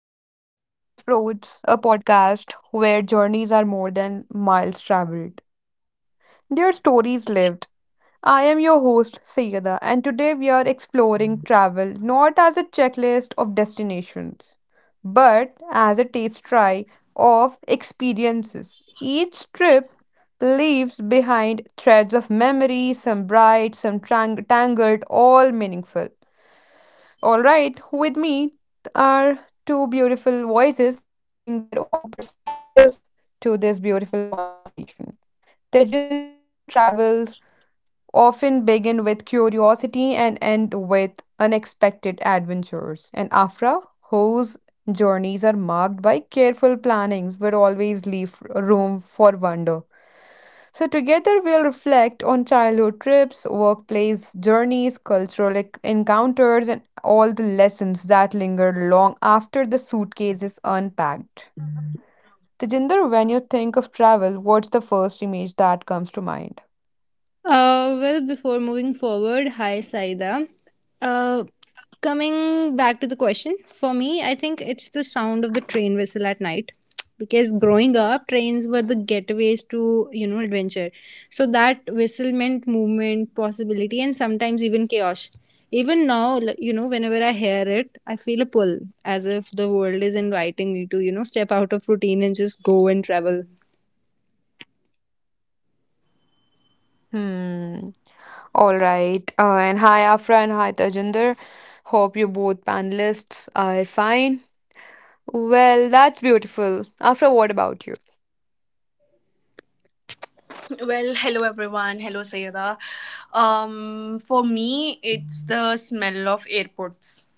Welcome to Crossroads, a podcast where journeys are more than miles traveled. Their stories lived. I am your host, Sayeda, and today we are exploring travel not as a checklist of destinations, but as a taste try of experiences. Each trip leaves behind threads of memory, some bright, some tangled, all meaningful. All right, with me are two beautiful voices who bring their own perspectives to this beautiful conversation. Tejinder, who travels, often begin with curiosity and end with unexpected adventures, and Afra, whose journeys are marked by careful plannings but always leave room for wonder. So together we'll reflect on childhood trips, workplace journeys, cultural encounters, and all the lessons that linger long after the suitcase is unpacked. Tejinder, when you think of travel, what's the first image that comes to mind? Well, before moving forward, hi Saida. Uh, coming back to the question, for me, I think it's the sound of the train whistle at night. Because growing up, trains were the getaways to adventure. So that whistle meant movement, possibility, and sometimes even chaos. Even now, whenever I hear it, I feel a pull as if the world is inviting me to step out of routine and just go and travel. Hmm. All right. And hi, Afra, and hi, Tajinder. Hope you both panelists are fine. Well, that's beautiful. Afra, what about Well, hello everyone. Hello Sayeda. For me, it's the smell of airports.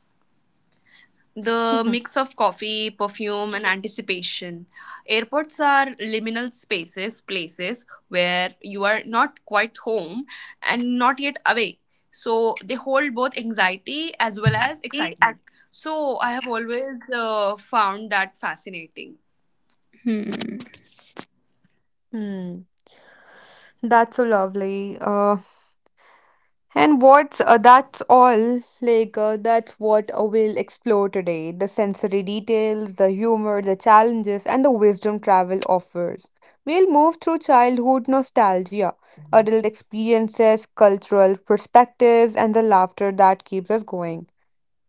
The you? mix of coffee, perfume, and anticipation. Airports are liminal spaces, places where you are not quite home and not yet away. So they hold both anxiety as well as excitement. So I have always found that fascinating. Hmm, Hmm. That's so lovely. And what's that's all like that's what we'll explore today. The sensory details, the humor, the challenges, and the wisdom travel offers. We'll move through childhood nostalgia, adult experiences, cultural perspectives, and the laughter that keeps us going.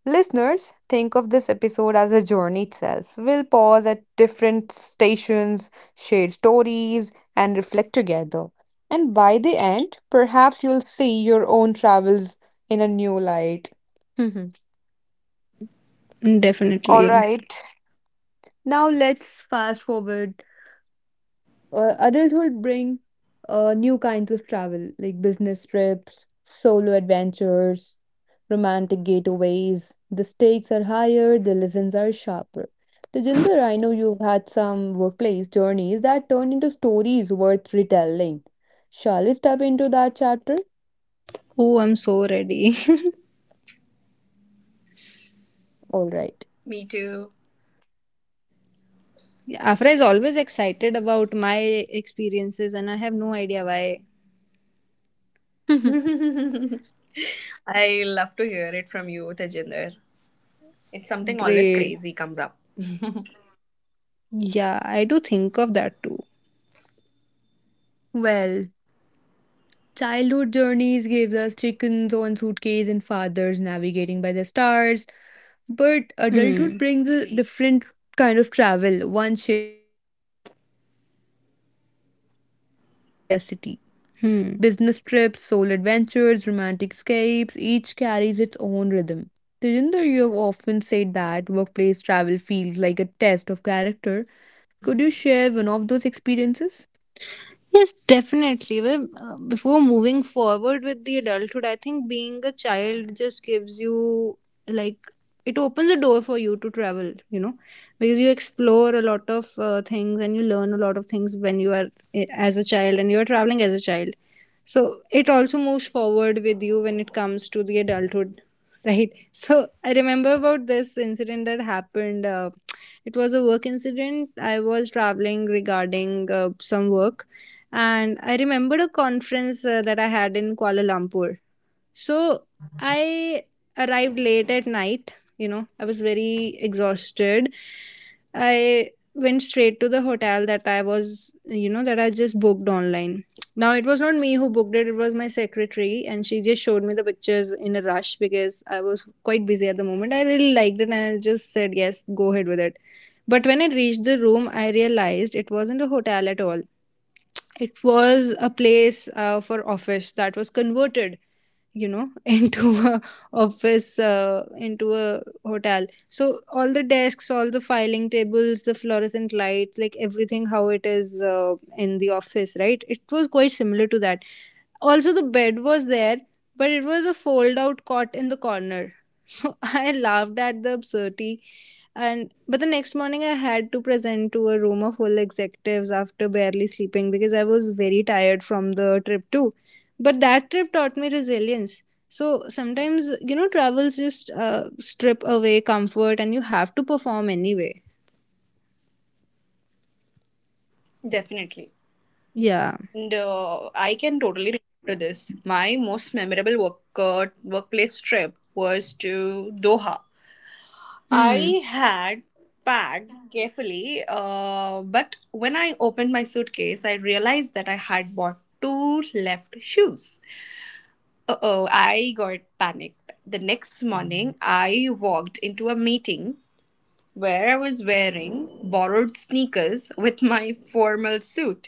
Listeners, think of this episode as a journey itself. We'll pause at different stations, share stories, and reflect together. And by the end, perhaps you'll see your own travels in a new light. All definitely. right. Now let's fast forward adulthood bring new kinds of travel, like business trips, solo adventures, romantic getaways. The stakes are higher, the lessons are sharper. The Jinder, I know you've had some workplace journeys that turned into stories worth retelling. Shall we step into that chapter? Oh, I'm so ready. All right. Me too. Afra is always excited about my experiences, and I have no idea why. I love to hear it from you, Tejinder. It's something always Great. crazy comes up. Yeah, I do think of that too. Well, childhood journeys gave us chickens on suitcase and fathers navigating by the stars, but adulthood Hmm. brings a different kind of travel, one shaped by responsibility, independence, and sometimes necessity. Hmm. Business trips, soul adventures, romantic escapes, each carries its own rhythm. Tejinder, you have often said that workplace travel feels like a test of character. Could you share one of those experiences? Yes, definitely. Well, before moving forward with the adulthood, I think being a child just gives you, like, it opens a door for you to travel because you explore a lot of things and you learn a lot of things when you are as a child and you are traveling as a child. So it also moves forward with you when it comes to the adulthood, right? So I remember about this incident that Hmm, happened. It was a work incident. I alright. was And traveling what about you, regarding Afra? some work and I remembered a conference that I had in Kuala Lumpur. So I arrived late at night. You know, I was very exhausted. I went straight to the hotel that I was, you know, that I just booked online. Now, it was not me who booked it, it was my secretary, and she just showed me the pictures in a rush because I was quite busy at the moment. I really liked it and I just said, yes, go ahead with it. But when I reached the room, I realized it wasn't a hotel at all. It was a place for office that was converted, you know into a into a hotel. So all the desks, all the filing tables, the fluorescent light, like everything, how it is in the office. Right, it was quite similar to that. Also, the bed was there, but it was a fold out cot in the corner. So I laughed at the absurdity. And but the next morning, I had to present to a room of full executives after barely sleeping because I was very tired from the trip, too. But that trip taught me resilience. So sometimes travels just strip away comfort and you have to perform anyway. Definitely. Yeah. And I can totally relate to this. My most memorable workplace trip was to Doha. Hmm. I had packed carefully, but when I opened my suitcase, I realized that I had bought two left shoes. Uh oh, I got panicked. The next morning, I walked into a meeting where I was wearing borrowed sneakers with my formal suit.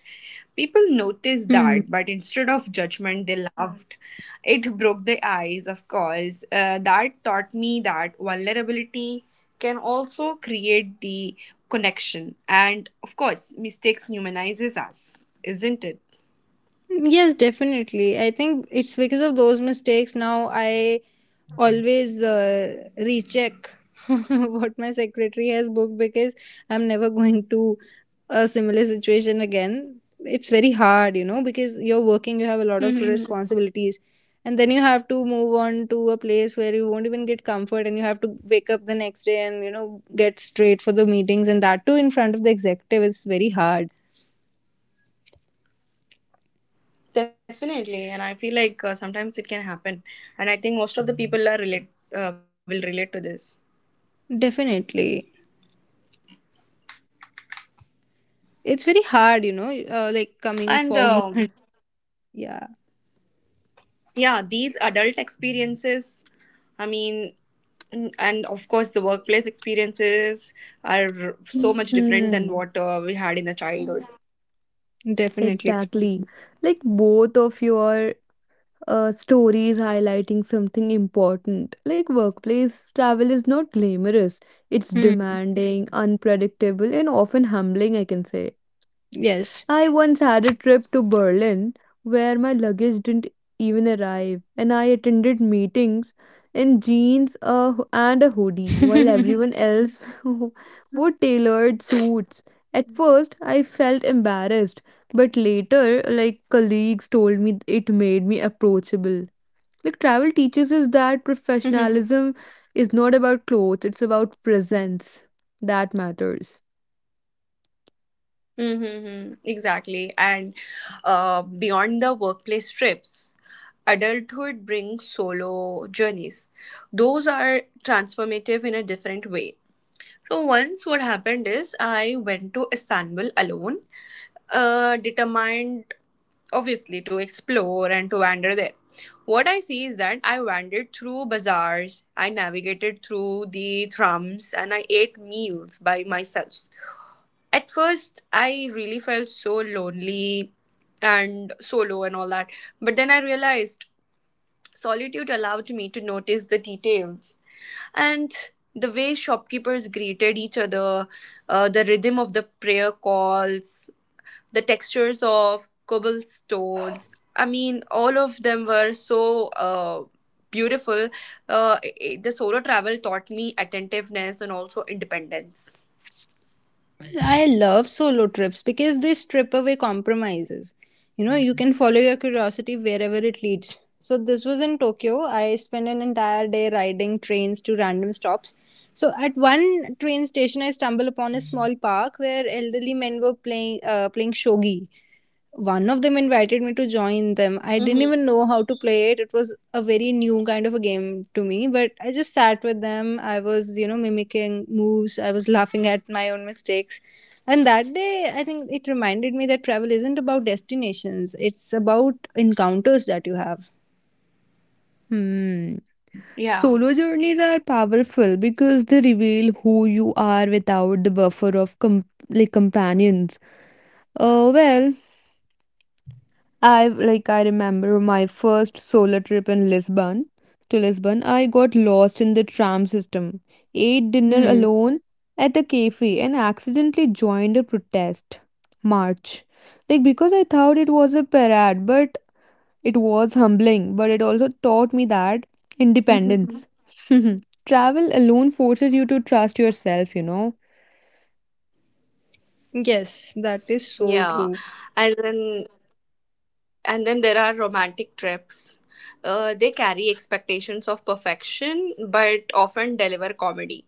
People noticed Hmm. that, but instead of judgment, they laughed. It broke the ice, of course. That taught me that vulnerability can also create the connection, and of course, mistakes humanizes us, isn't it? Yes, definitely. I think it's because of those mistakes now I always recheck what my secretary has booked because I'm never going to a similar situation again. It's very hard because you're working, you Mhm. have a lot of responsibilities, and then you have to move on to a place where you won't even get comfort, and you have to wake up the next day and get straight for the meetings, and that too in front of the executive is very hard. Definitely, and I feel like sometimes it can happen, and I think most of the people are relate will relate to this. Definitely. It's very hard, like And coming forward. Yeah, Yeah, these adult experiences, I mean mm, and of course the workplace experiences are so much different than Hmm, what we had in the childhood. definitely. exactly. Like both of your stories highlighting something important. Like, workplace travel is not glamorous. It's Hmm. demanding, unpredictable, and often humbling, I can say. Yes. I once had a trip to Berlin where my luggage didn't even arrive, and I attended meetings in jeans and a hoodie while everyone else wore tailored suits. At first, I felt embarrassed, but later, like, colleagues told me, it made me approachable. Like, travel teaches us that professionalism is not about clothes, it's about presence. That matters. Mm-hmm, exactly. And beyond the workplace trips, adulthood brings solo journeys. Those are transformative in a different way. So once what happened is I went to Istanbul alone, determined obviously to explore and to wander there. What I see is that I wandered through bazaars, I navigated through the thrums, and I ate meals by myself. At first, I really felt so lonely and solo and all that, but then I realized solitude allowed me to notice the details and the way shopkeepers greeted each other, the rhythm of the prayer calls, the textures of cobblestones. I mean, all of them were so beautiful. The solo travel taught me attentiveness and also independence. I love solo trips because they strip away compromises. You know, you can follow your curiosity wherever it leads. So, this was in Tokyo. I spent an entire day riding trains to random stops. So, at one train station, I stumbled upon a small park where elderly men were playing shogi. One of them invited me to join them. I Hmm. didn't even know how to play it. It was a very new kind of a game to me, but I just sat with them. I was mimicking moves. I was laughing at my own mistakes. And that day, I think it reminded me that travel isn't about destinations, it's about encounters that you have. Hmm. Yeah. Solo journeys are powerful because they reveal who you are without the buffer of companions. Well, I remember my first solo trip in Lisbon. To Lisbon, I got lost in the tram system, ate dinner Hmm. alone at a cafe, and accidentally joined a protest march. Like, because I thought it was a parade, but it was humbling, but it also taught me that Mhm. independence. Travel alone forces you to trust yourself, you know. Yes, that is so Yeah. true. And then And then there are romantic trips. They carry expectations of perfection but often deliver comedy.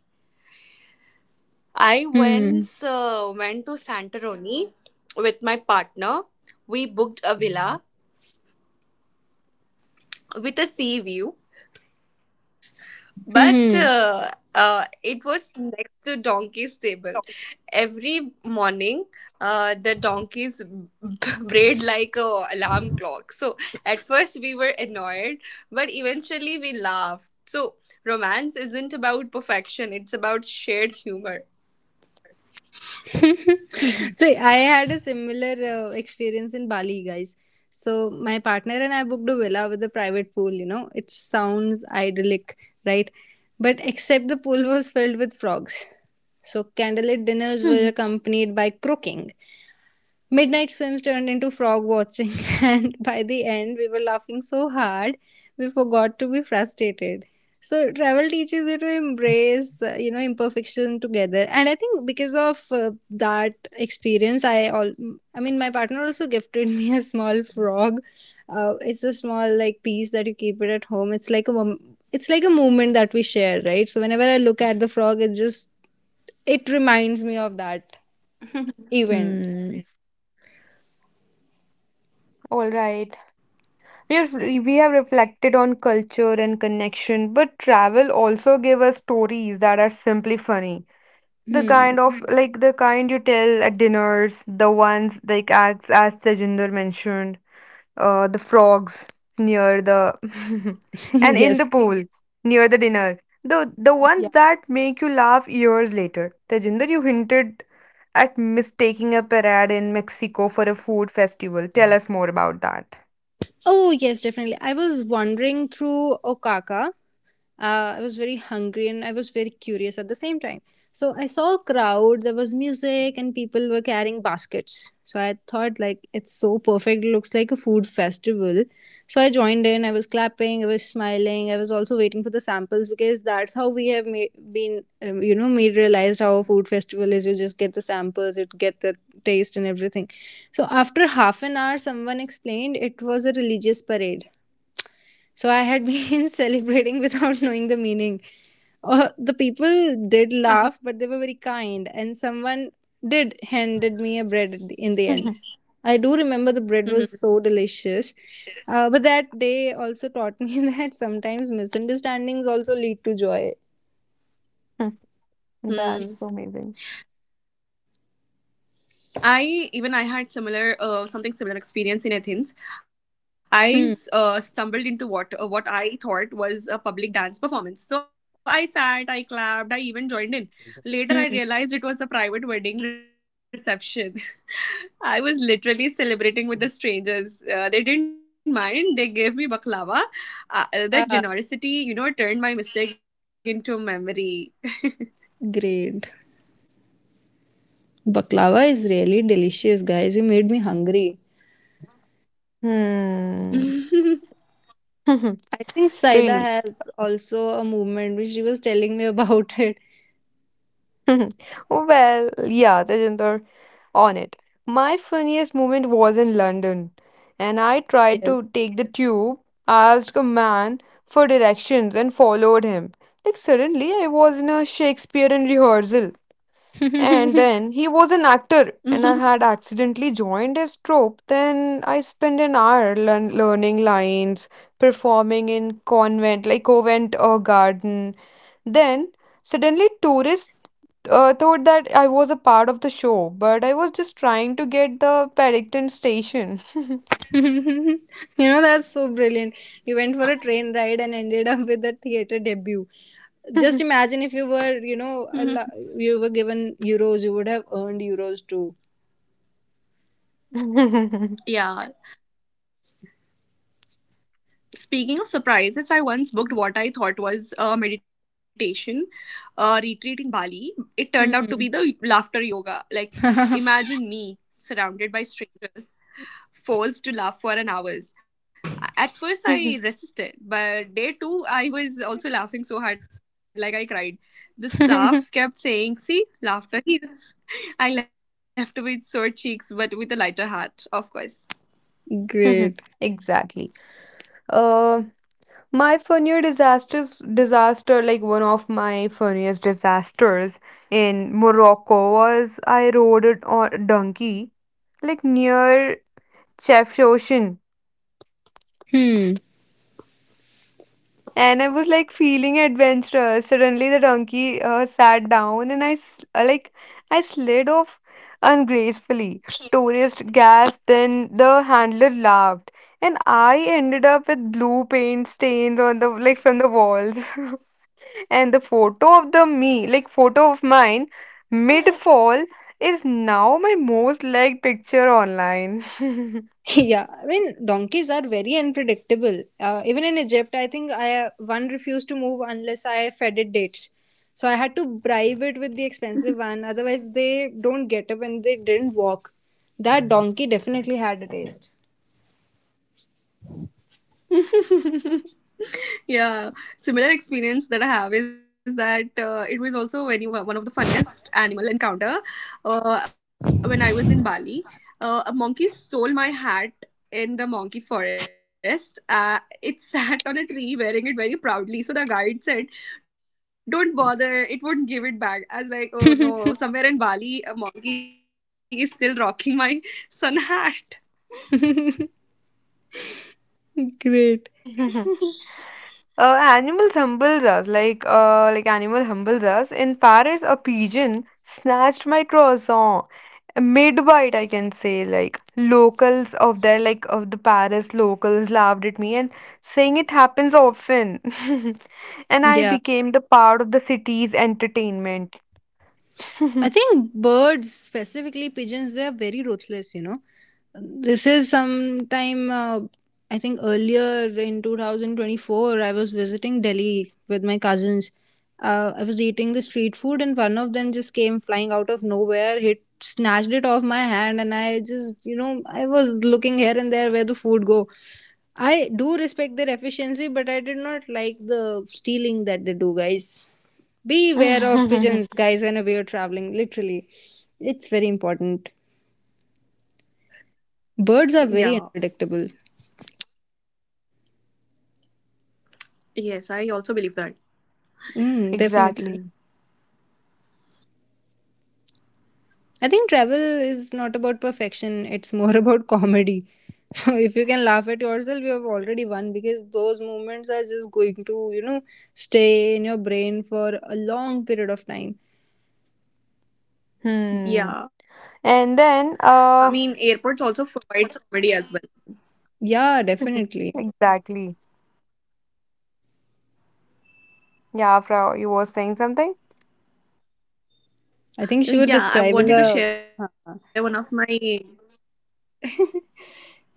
I Hmm. once went to Santorini with my partner. We booked a villa with a sea view, Hmm. but Hmm. It was next to donkey stable. Every morning, the donkeys brayed like a alarm clock. So at first we were annoyed, but eventually we laughed. So romance isn't about perfection; it's about shared humor. Mhm. So I had a similar experience in Bali, guys. So my partner and I booked a villa with a private pool. You know, it sounds idyllic, right? But except the pool was filled with frogs. So candlelit dinners were Mhm. accompanied by croaking. Midnight swims turned into frog watching, and by the end, we were laughing so hard we forgot to be frustrated. So, travel teaches you to embrace imperfection together. And I think because of that experience, I mean, my partner also gifted me a small frog. It's a small, like, piece that you keep it at home. It's like a moment that we share, right? So whenever I look at the frog, it reminds me of that event. Hmm. All right. We have reflected on culture and connection, but travel also gave us stories that are simply funny. The Hmm. kind of like the kind you tell at dinners, the ones like acts as Tejinder mentioned, the frogs near the and in Yes. the pool near the dinner. The ones that make you laugh years later. Tejinder, you hinted at mistaking a parade in Mexico for a food festival. Tell us more about that. Oh, yes, definitely. I was wandering through Okaka, I was very hungry and I was very curious at the same time. So I saw a crowd. There was music and people were carrying baskets. So I thought, like, it's so perfect. It looks like a food festival. So I joined in. I was clapping, I was smiling, I was also waiting for the samples because that's how we have been made realized how a food festival is. You just get the samples, you get the taste and everything. So after half an hour someone explained it was a religious parade. So I had been celebrating without knowing the meaning. The people did laugh, but they Uh-huh. were very kind, and someone did handed me a bread in the end. I do remember the bread was so delicious. Mm-hmm. Delicious. But that day also taught me that sometimes misunderstandings also lead to joy. Hmm, that's so amazing. Hmm. I had similar something similar experience in Athens. I Hmm. Stumbled into what I thought was a public dance performance. So I sat, I clapped, I even joined in. Hmm. Later, I realized it was a private wedding reception. I was literally celebrating with the strangers. They didn't mind. They gave me baklava. That Ah, generosity, you know, turned my mistake into memory. great. Baklava is really delicious, guys. You made me hungry. Hmm. I think Saida Really? has also a movement which she was telling me about it. Well, yeah, Tejinder. On it. My funniest moment was in London, and I tried Yes. to take the tube, asked a man for directions, and followed him. Like, suddenly, I was in a Shakespearean rehearsal, and then he was an actor, and I Mhm. had accidentally joined his troupe. Then I spent an hour learning lines, performing in convent, like Covent or Garden. Then suddenly, tourists thought that I was a part of the show, but I was just trying to get the Paddington station. You know, that's so brilliant. You went for a train ride and ended up with a theater debut. Just imagine if you were you know a lo- Mhm. you were given euros, you would have earned euros too. Yeah, speaking of surprises, I once booked what I thought was a meditation retreat in Bali. It turned out Hmm. to be the laughter yoga. Like, imagine me surrounded by strangers, forced to laugh for an hours. At first, I resisted, but day two, I was also laughing so hard, like I cried. The staff kept saying, "See, laughter heals." I left with sore cheeks, but with a lighter heart, of course. Great. Exactly. Uh, my funnier disasters disaster, like one of my funniest disasters in Morocco was I rode it on a donkey, like near Chef Ocean, Hmm. and I was like feeling adventurous. Suddenly, the donkey sat down, and I s- like I slid off ungracefully. Tourist gasped, then the handler laughed, and I ended up with blue paint stains on the, like, from the walls. And the photo of the me, like, photo of mine, mid fall, is now my most liked picture online. Yeah, I mean donkeys are very unpredictable. Even in Egypt, I think I one refused to move unless I fed it dates. So I had to bribe it with the expensive one. Otherwise, they don't get up and they didn't walk. That donkey definitely had a taste. Yeah, similar experience that I have is that it was also very one of the funniest animal encounter when I was in Bali. A monkey stole my hat in the monkey forest. It sat on a tree wearing it very proudly. So the guide said, don't bother, it won't give it back. I was like, oh no, somewhere in Bali a monkey is still rocking my sun hat. Great. Animal humbles us. In Paris, a pigeon snatched my croissant mid-bite, I can say. Like locals of there, like of the Paris locals, laughed at me and saying it happens often, and I Yeah. became the part of the city's entertainment. I think birds, specifically pigeons, they are very ruthless. This is sometime, I think earlier in 2024, I was visiting Delhi with my cousins. I was eating the street food, and one of them just came flying out of nowhere, hit, snatched it off my hand, and I just, you know, I was looking here and there where the food go. I do respect their efficiency, but I did not like the stealing that they do, guys. Beware of pigeons, guys, whenever you're traveling. Literally, it's very important. Birds are very Yeah, unpredictable. yes, I also believe that. Mm, definitely. Exactly. I think travel is not about perfection, it's more about comedy. So if you can laugh at yourself, you have already won because those moments are just going to stay in your brain for a long period of time. Hmm. Yeah. And then, I mean, airports also provide comedy as well. Yeah, definitely. exactly. Yeah, Afra, you were saying something? I think she was describing Yeah, I a. wanted to share one of my.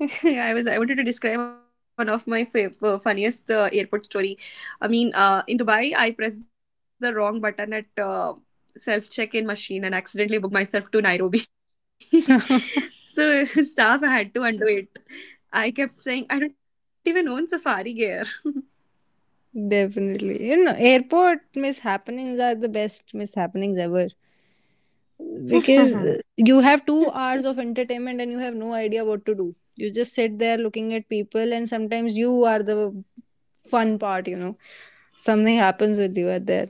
I wanted to describe one of my funniest airport story. I mean, in Dubai, I pressed the wrong button at self check-in machine and accidentally booked myself to Nairobi. So staff had to undo it. I kept saying I don't even own Safari gear. Definitely. You know, airport mishappenings are the best mishappenings ever. Because you have 2 hours of entertainment and you have no idea what to do. You just sit there looking at people, and sometimes you are the fun part. You know, something happens with you at there.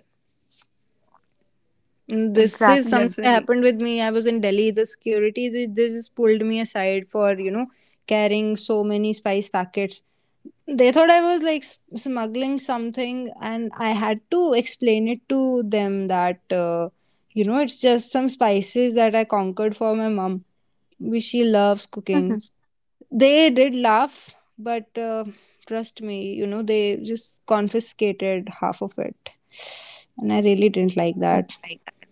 Mm, this is Exactly. something that Definitely. happened with me. I was in Delhi. The security, they just pulled me aside for carrying so many spice packets. They thought I was like smuggling something, and I had to explain it to them that it's just some spices that I conquered for my mom. We she loves cooking. Mhm, They did laugh, but trust me, they just confiscated half of it, and I really didn't like mm. that. Like that.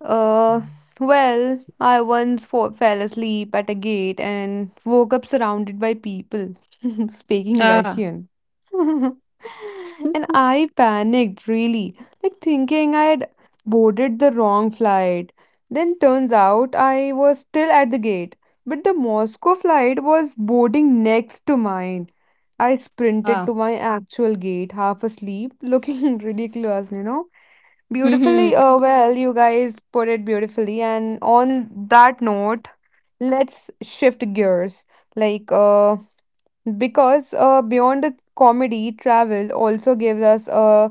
Uh, well, I once fo fell asleep at a gate and woke up surrounded by people speaking Ah. Russian. And I panicked, really, like thinking I had boarded the wrong flight. Then turns out I was still at the gate, but the Moscow flight was boarding next to mine. I sprinted Ah. to my actual gate, half asleep, looking ridiculous, you know. Hmm. Beautifully, you guys put it beautifully. And on that note, let's shift gears. Like, uh, because beyond the comedy, travel also gives us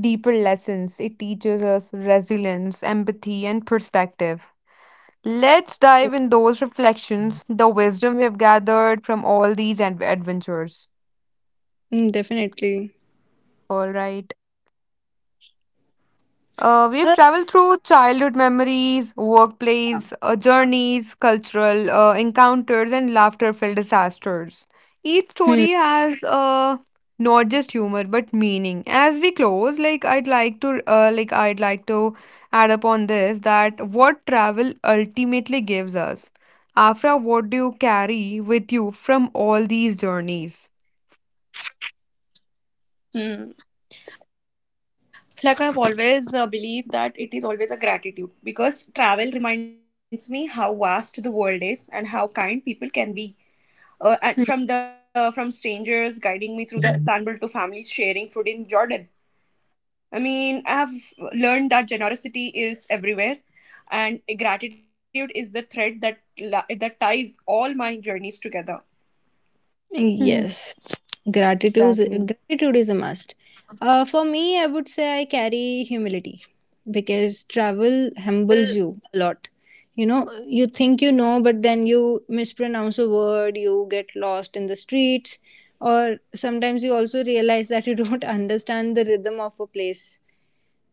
deeper lessons. It teaches us resilience, empathy, and perspective. Let's dive in those reflections, the wisdom we have gathered from all these adventures. Mm, definitely. All right. We've Uh, traveled through childhood memories, yeah. workplace journeys, cultural encounters, and laughter-filled disasters. Each Hmm, story has not just humor but meaning. As we close, I'd like to add upon this that what travel ultimately gives us. Afra, what do you carry with you from all these journeys? Hmm. Like I've always believed that it is always a gratitude because travel reminds me how vast the world is and how kind people can be, and hmm. from the from strangers guiding me through the— Mhm. —Istanbul, to families sharing food in Jordan. I mean, I have learned that generosity is everywhere, and gratitude is the thread that ties all my journeys together. Yes, gratitude is, Exactly. gratitude is a must. For me, I would say I carry humility because travel humbles you a lot. You know, you think you know, but then you mispronounce a word, you get lost in the streets, or sometimes you also realize that you don't understand the rhythm of a place.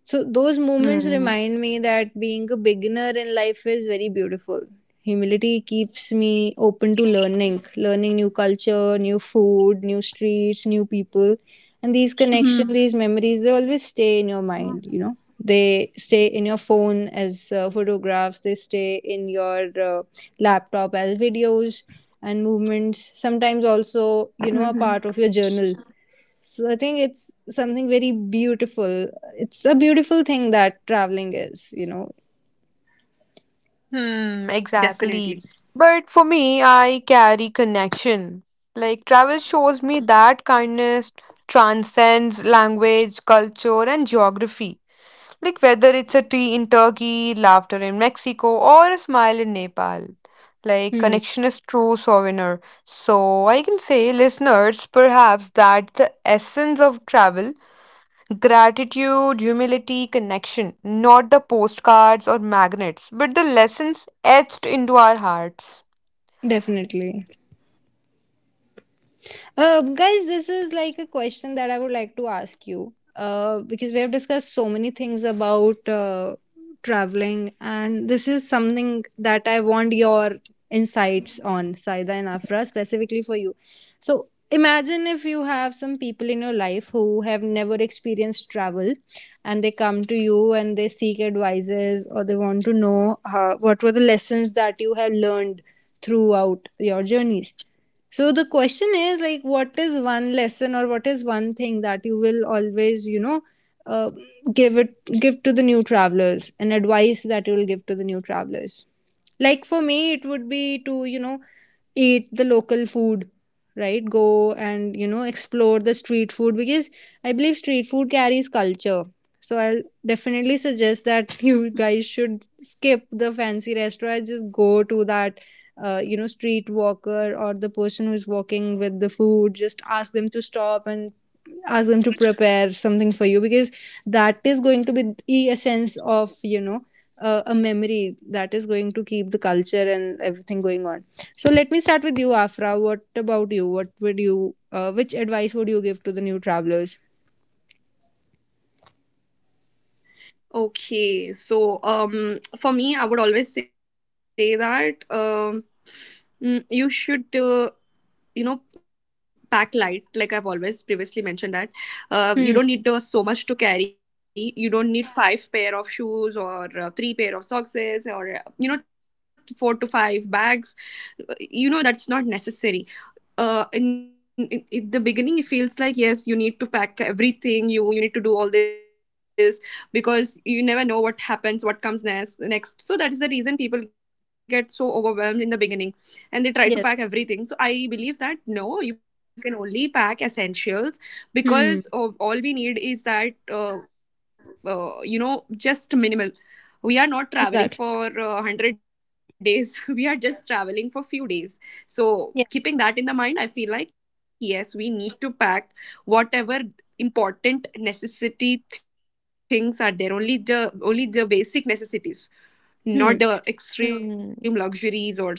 So those moments remind me that being a beginner in life is very beautiful. Humility keeps me open to learning, learning new culture, new food, new streets, new people. And these connections, these memories, Hmm. they always stay in your mind, you know. They stay in your phone as photographs, they stay in your laptop as videos and movements, sometimes also, you Mhm. know, a part of your journal. So I think it's something very beautiful. It's a beautiful thing that traveling is. Hmm, Definitely. exactly. But for me, I carry connection. Like, travel shows me that kindness transcends language, culture, and geography. Like, whether it's a tea in Turkey, laughter in Mexico, or a smile in Nepal. Like, Hmm, connection is true souvenir. So I can say, listeners, perhaps that the essence of travel: gratitude, humility, connection, not the postcards or magnets, but the lessons etched into our hearts. definitely. Guys, this is like a question that I would like to ask you. Because we have discussed so many things about traveling, and this is something that I want your insights on, Saida and Afra, specifically for you. So imagine if you have some people in your life who have never experienced travel and they come to you and they seek advices or they want to know what were the lessons that you have learned throughout your journeys. So the question is like, what is one lesson or what is one thing that you will always, you know, uh, give it give to the new travelers, an advice that you will give to the new travelers. Like for me, it would be to eat the local food, right? Go and explore the street food because I believe street food carries culture. So I'll definitely suggest that you guys should skip the fancy restaurant, just go to that. Street walker or the person who's walking with the food, just ask them to stop and ask them to prepare something for you because that is going to be the essence of a memory that is going to keep the culture and everything going on. So let me start with you, Afra. What about you? What would you uh, which advice would you give to the new travelers? Okay, so for me, I would always say that mm, you should, you know, pack light. Like I've always previously mentioned that. You don't Hmm. need so much to carry. You don't need five pair of shoes, or three pair of socks, or you know, four to five bags. You know, that's not necessary. In the beginning, it feels like, yes, you need to pack everything. You need to do all this because you never know what happens, what comes next, so that is the reason people get so overwhelmed in the beginning, and they try to pack Yes. everything. So I believe that no, you can only pack essentials, because of Hmm. all we need is that you know, just minimal. We are not traveling for Exactly. 100 days, we are just traveling for few days. So keeping Yeah. that in the mind, I feel like yes, we need to pack whatever important necessity things are there, only the basic necessities, not the Hmm. extreme luxuries Hmm. or something like that.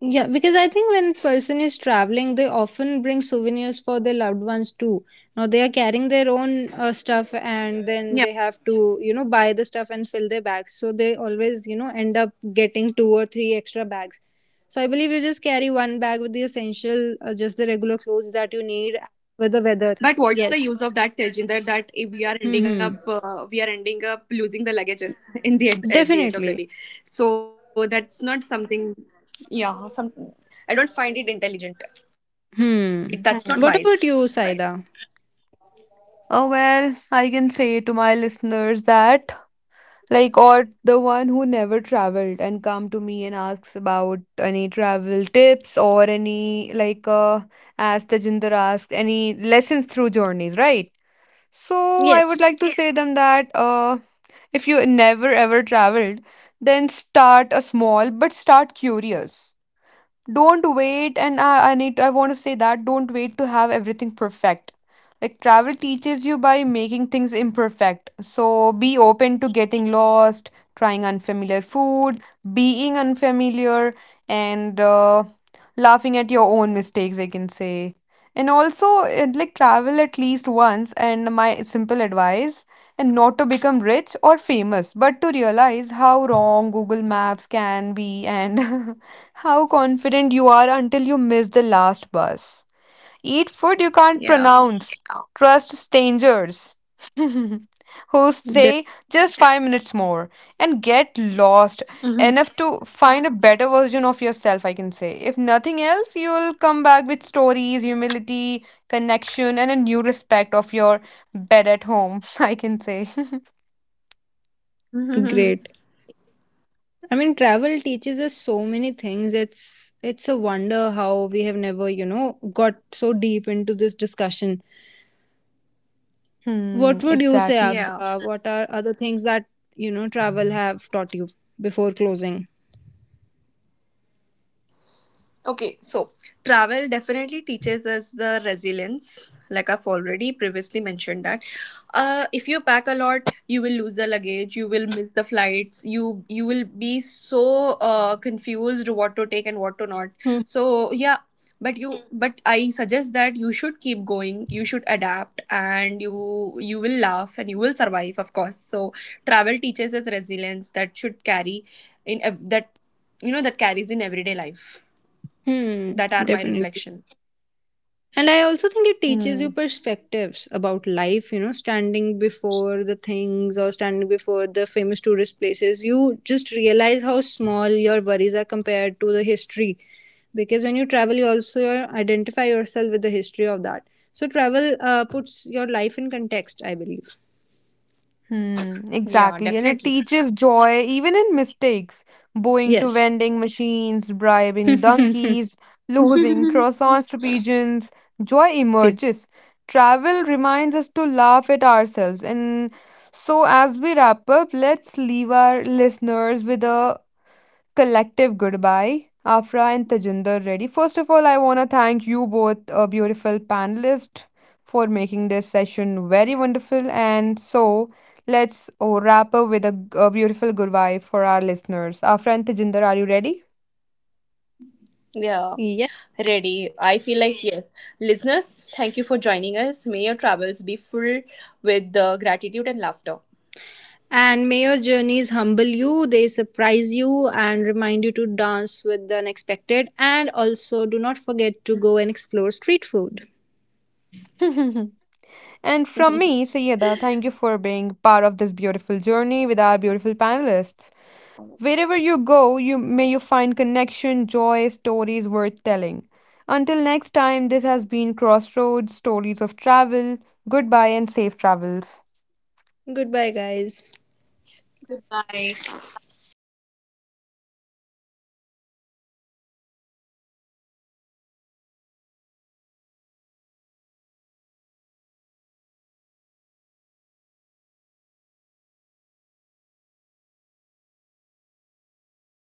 Yeah, because I think when person is traveling, they often bring souvenirs for their loved ones too. Now they are carrying their own Yeah, stuff, and then they have to buy the stuff and fill their bags. So they always end up getting two or three extra bags. So I believe you just carry one bag with the essential, just the regular clothes that you but need what's the with use the of weather. that, Tejinder, Yes. that if we are ending up— we are Hmm. ending up losing the luggages in the end, at the end of the day. Definitely. So that's not something— yeah some I don't find it intelligent. That's not wise. Hmm. Hmm. What about you, Saida? Oh, well, I can say to my listeners that, like, or the one who never traveled and come to me and asks about any travel tips or any, like, as Tajinder asked, any lessons through journeys, right? So I would Yes. like to say them that, if you never ever traveled, then start a small but start curious. Don't wait, and I want to say that, don't wait to have everything perfect. Like, travel teaches you by making things imperfect, so be open to getting lost, trying unfamiliar food, being unfamiliar, and laughing at your own mistakes, I can say. And also it, like, travel at least once, and my simple advice, and not to become rich or famous, but to realize how wrong Google Maps can be, and how confident you are until you miss the last bus. Eat food you can't Yeah. pronounce. Trust strangers who De- say just 5 minutes more, and get lost enough to find a better version of yourself, I can say. If nothing else, you'll come back with stories, humility, connection, and a new respect of your bed at home, I can say. great. I mean, travel teaches us so many things. It's a wonder how we have never got so deep into this discussion. What Hmm, would you say, exactly. Yeah. Afra? What are other things that travel have taught you before closing? Okay, so travel definitely teaches us the resilience. Like I've already previously mentioned that. If you pack a lot, you will lose the luggage. You will miss the flights. You will be so confused what to take and what to not. Hmm. So yeah, but I suggest that you should keep going. You should adapt, and you will laugh and you will survive, of course. So travel teaches us resilience that should carry in ev- that you know, that carries in everyday life. Hmm. That are my Definitely. reflection. And I also think it teaches you Hmm. perspectives about life, standing before the things or standing before the famous tourist places. You just realize how small your worries are compared to the history. Because when you travel, you also identify yourself with the history of that. So travel puts your life in context, I believe. Hmm, Yeah, exactly. And it definitely. teaches joy even in mistakes. Bowing to Yes. vending machines, bribing Pigeon. donkeys, losing croissants to pigeons. Joy emerges. Travel reminds us to laugh at ourselves. And so, as we wrap up, let's leave our listeners with a collective goodbye. Afra and Tajinder ready. First of all, I want to thank you both, beautiful panelists, for making this session very wonderful. And so, let's wrap up with a, a beautiful goodbye for our listeners. Afra and Tajinder, are you ready? Yeah. Yeah. Ready. I feel like yes. Listeners, thank you for joining us. May your travels be full with gratitude and laughter. And may your journeys humble you, they surprise you, and remind you to dance with the unexpected. And also, do not forget to go and explore street food. And from me, Sayyeda, thank you for being part of this beautiful journey with our beautiful panelists. Wherever you go, you may you find connection, joy, stories worth telling. Until next time, this has been Crossroads Stories of Travel. Goodbye and safe travels. Goodbye, guys. Goodbye.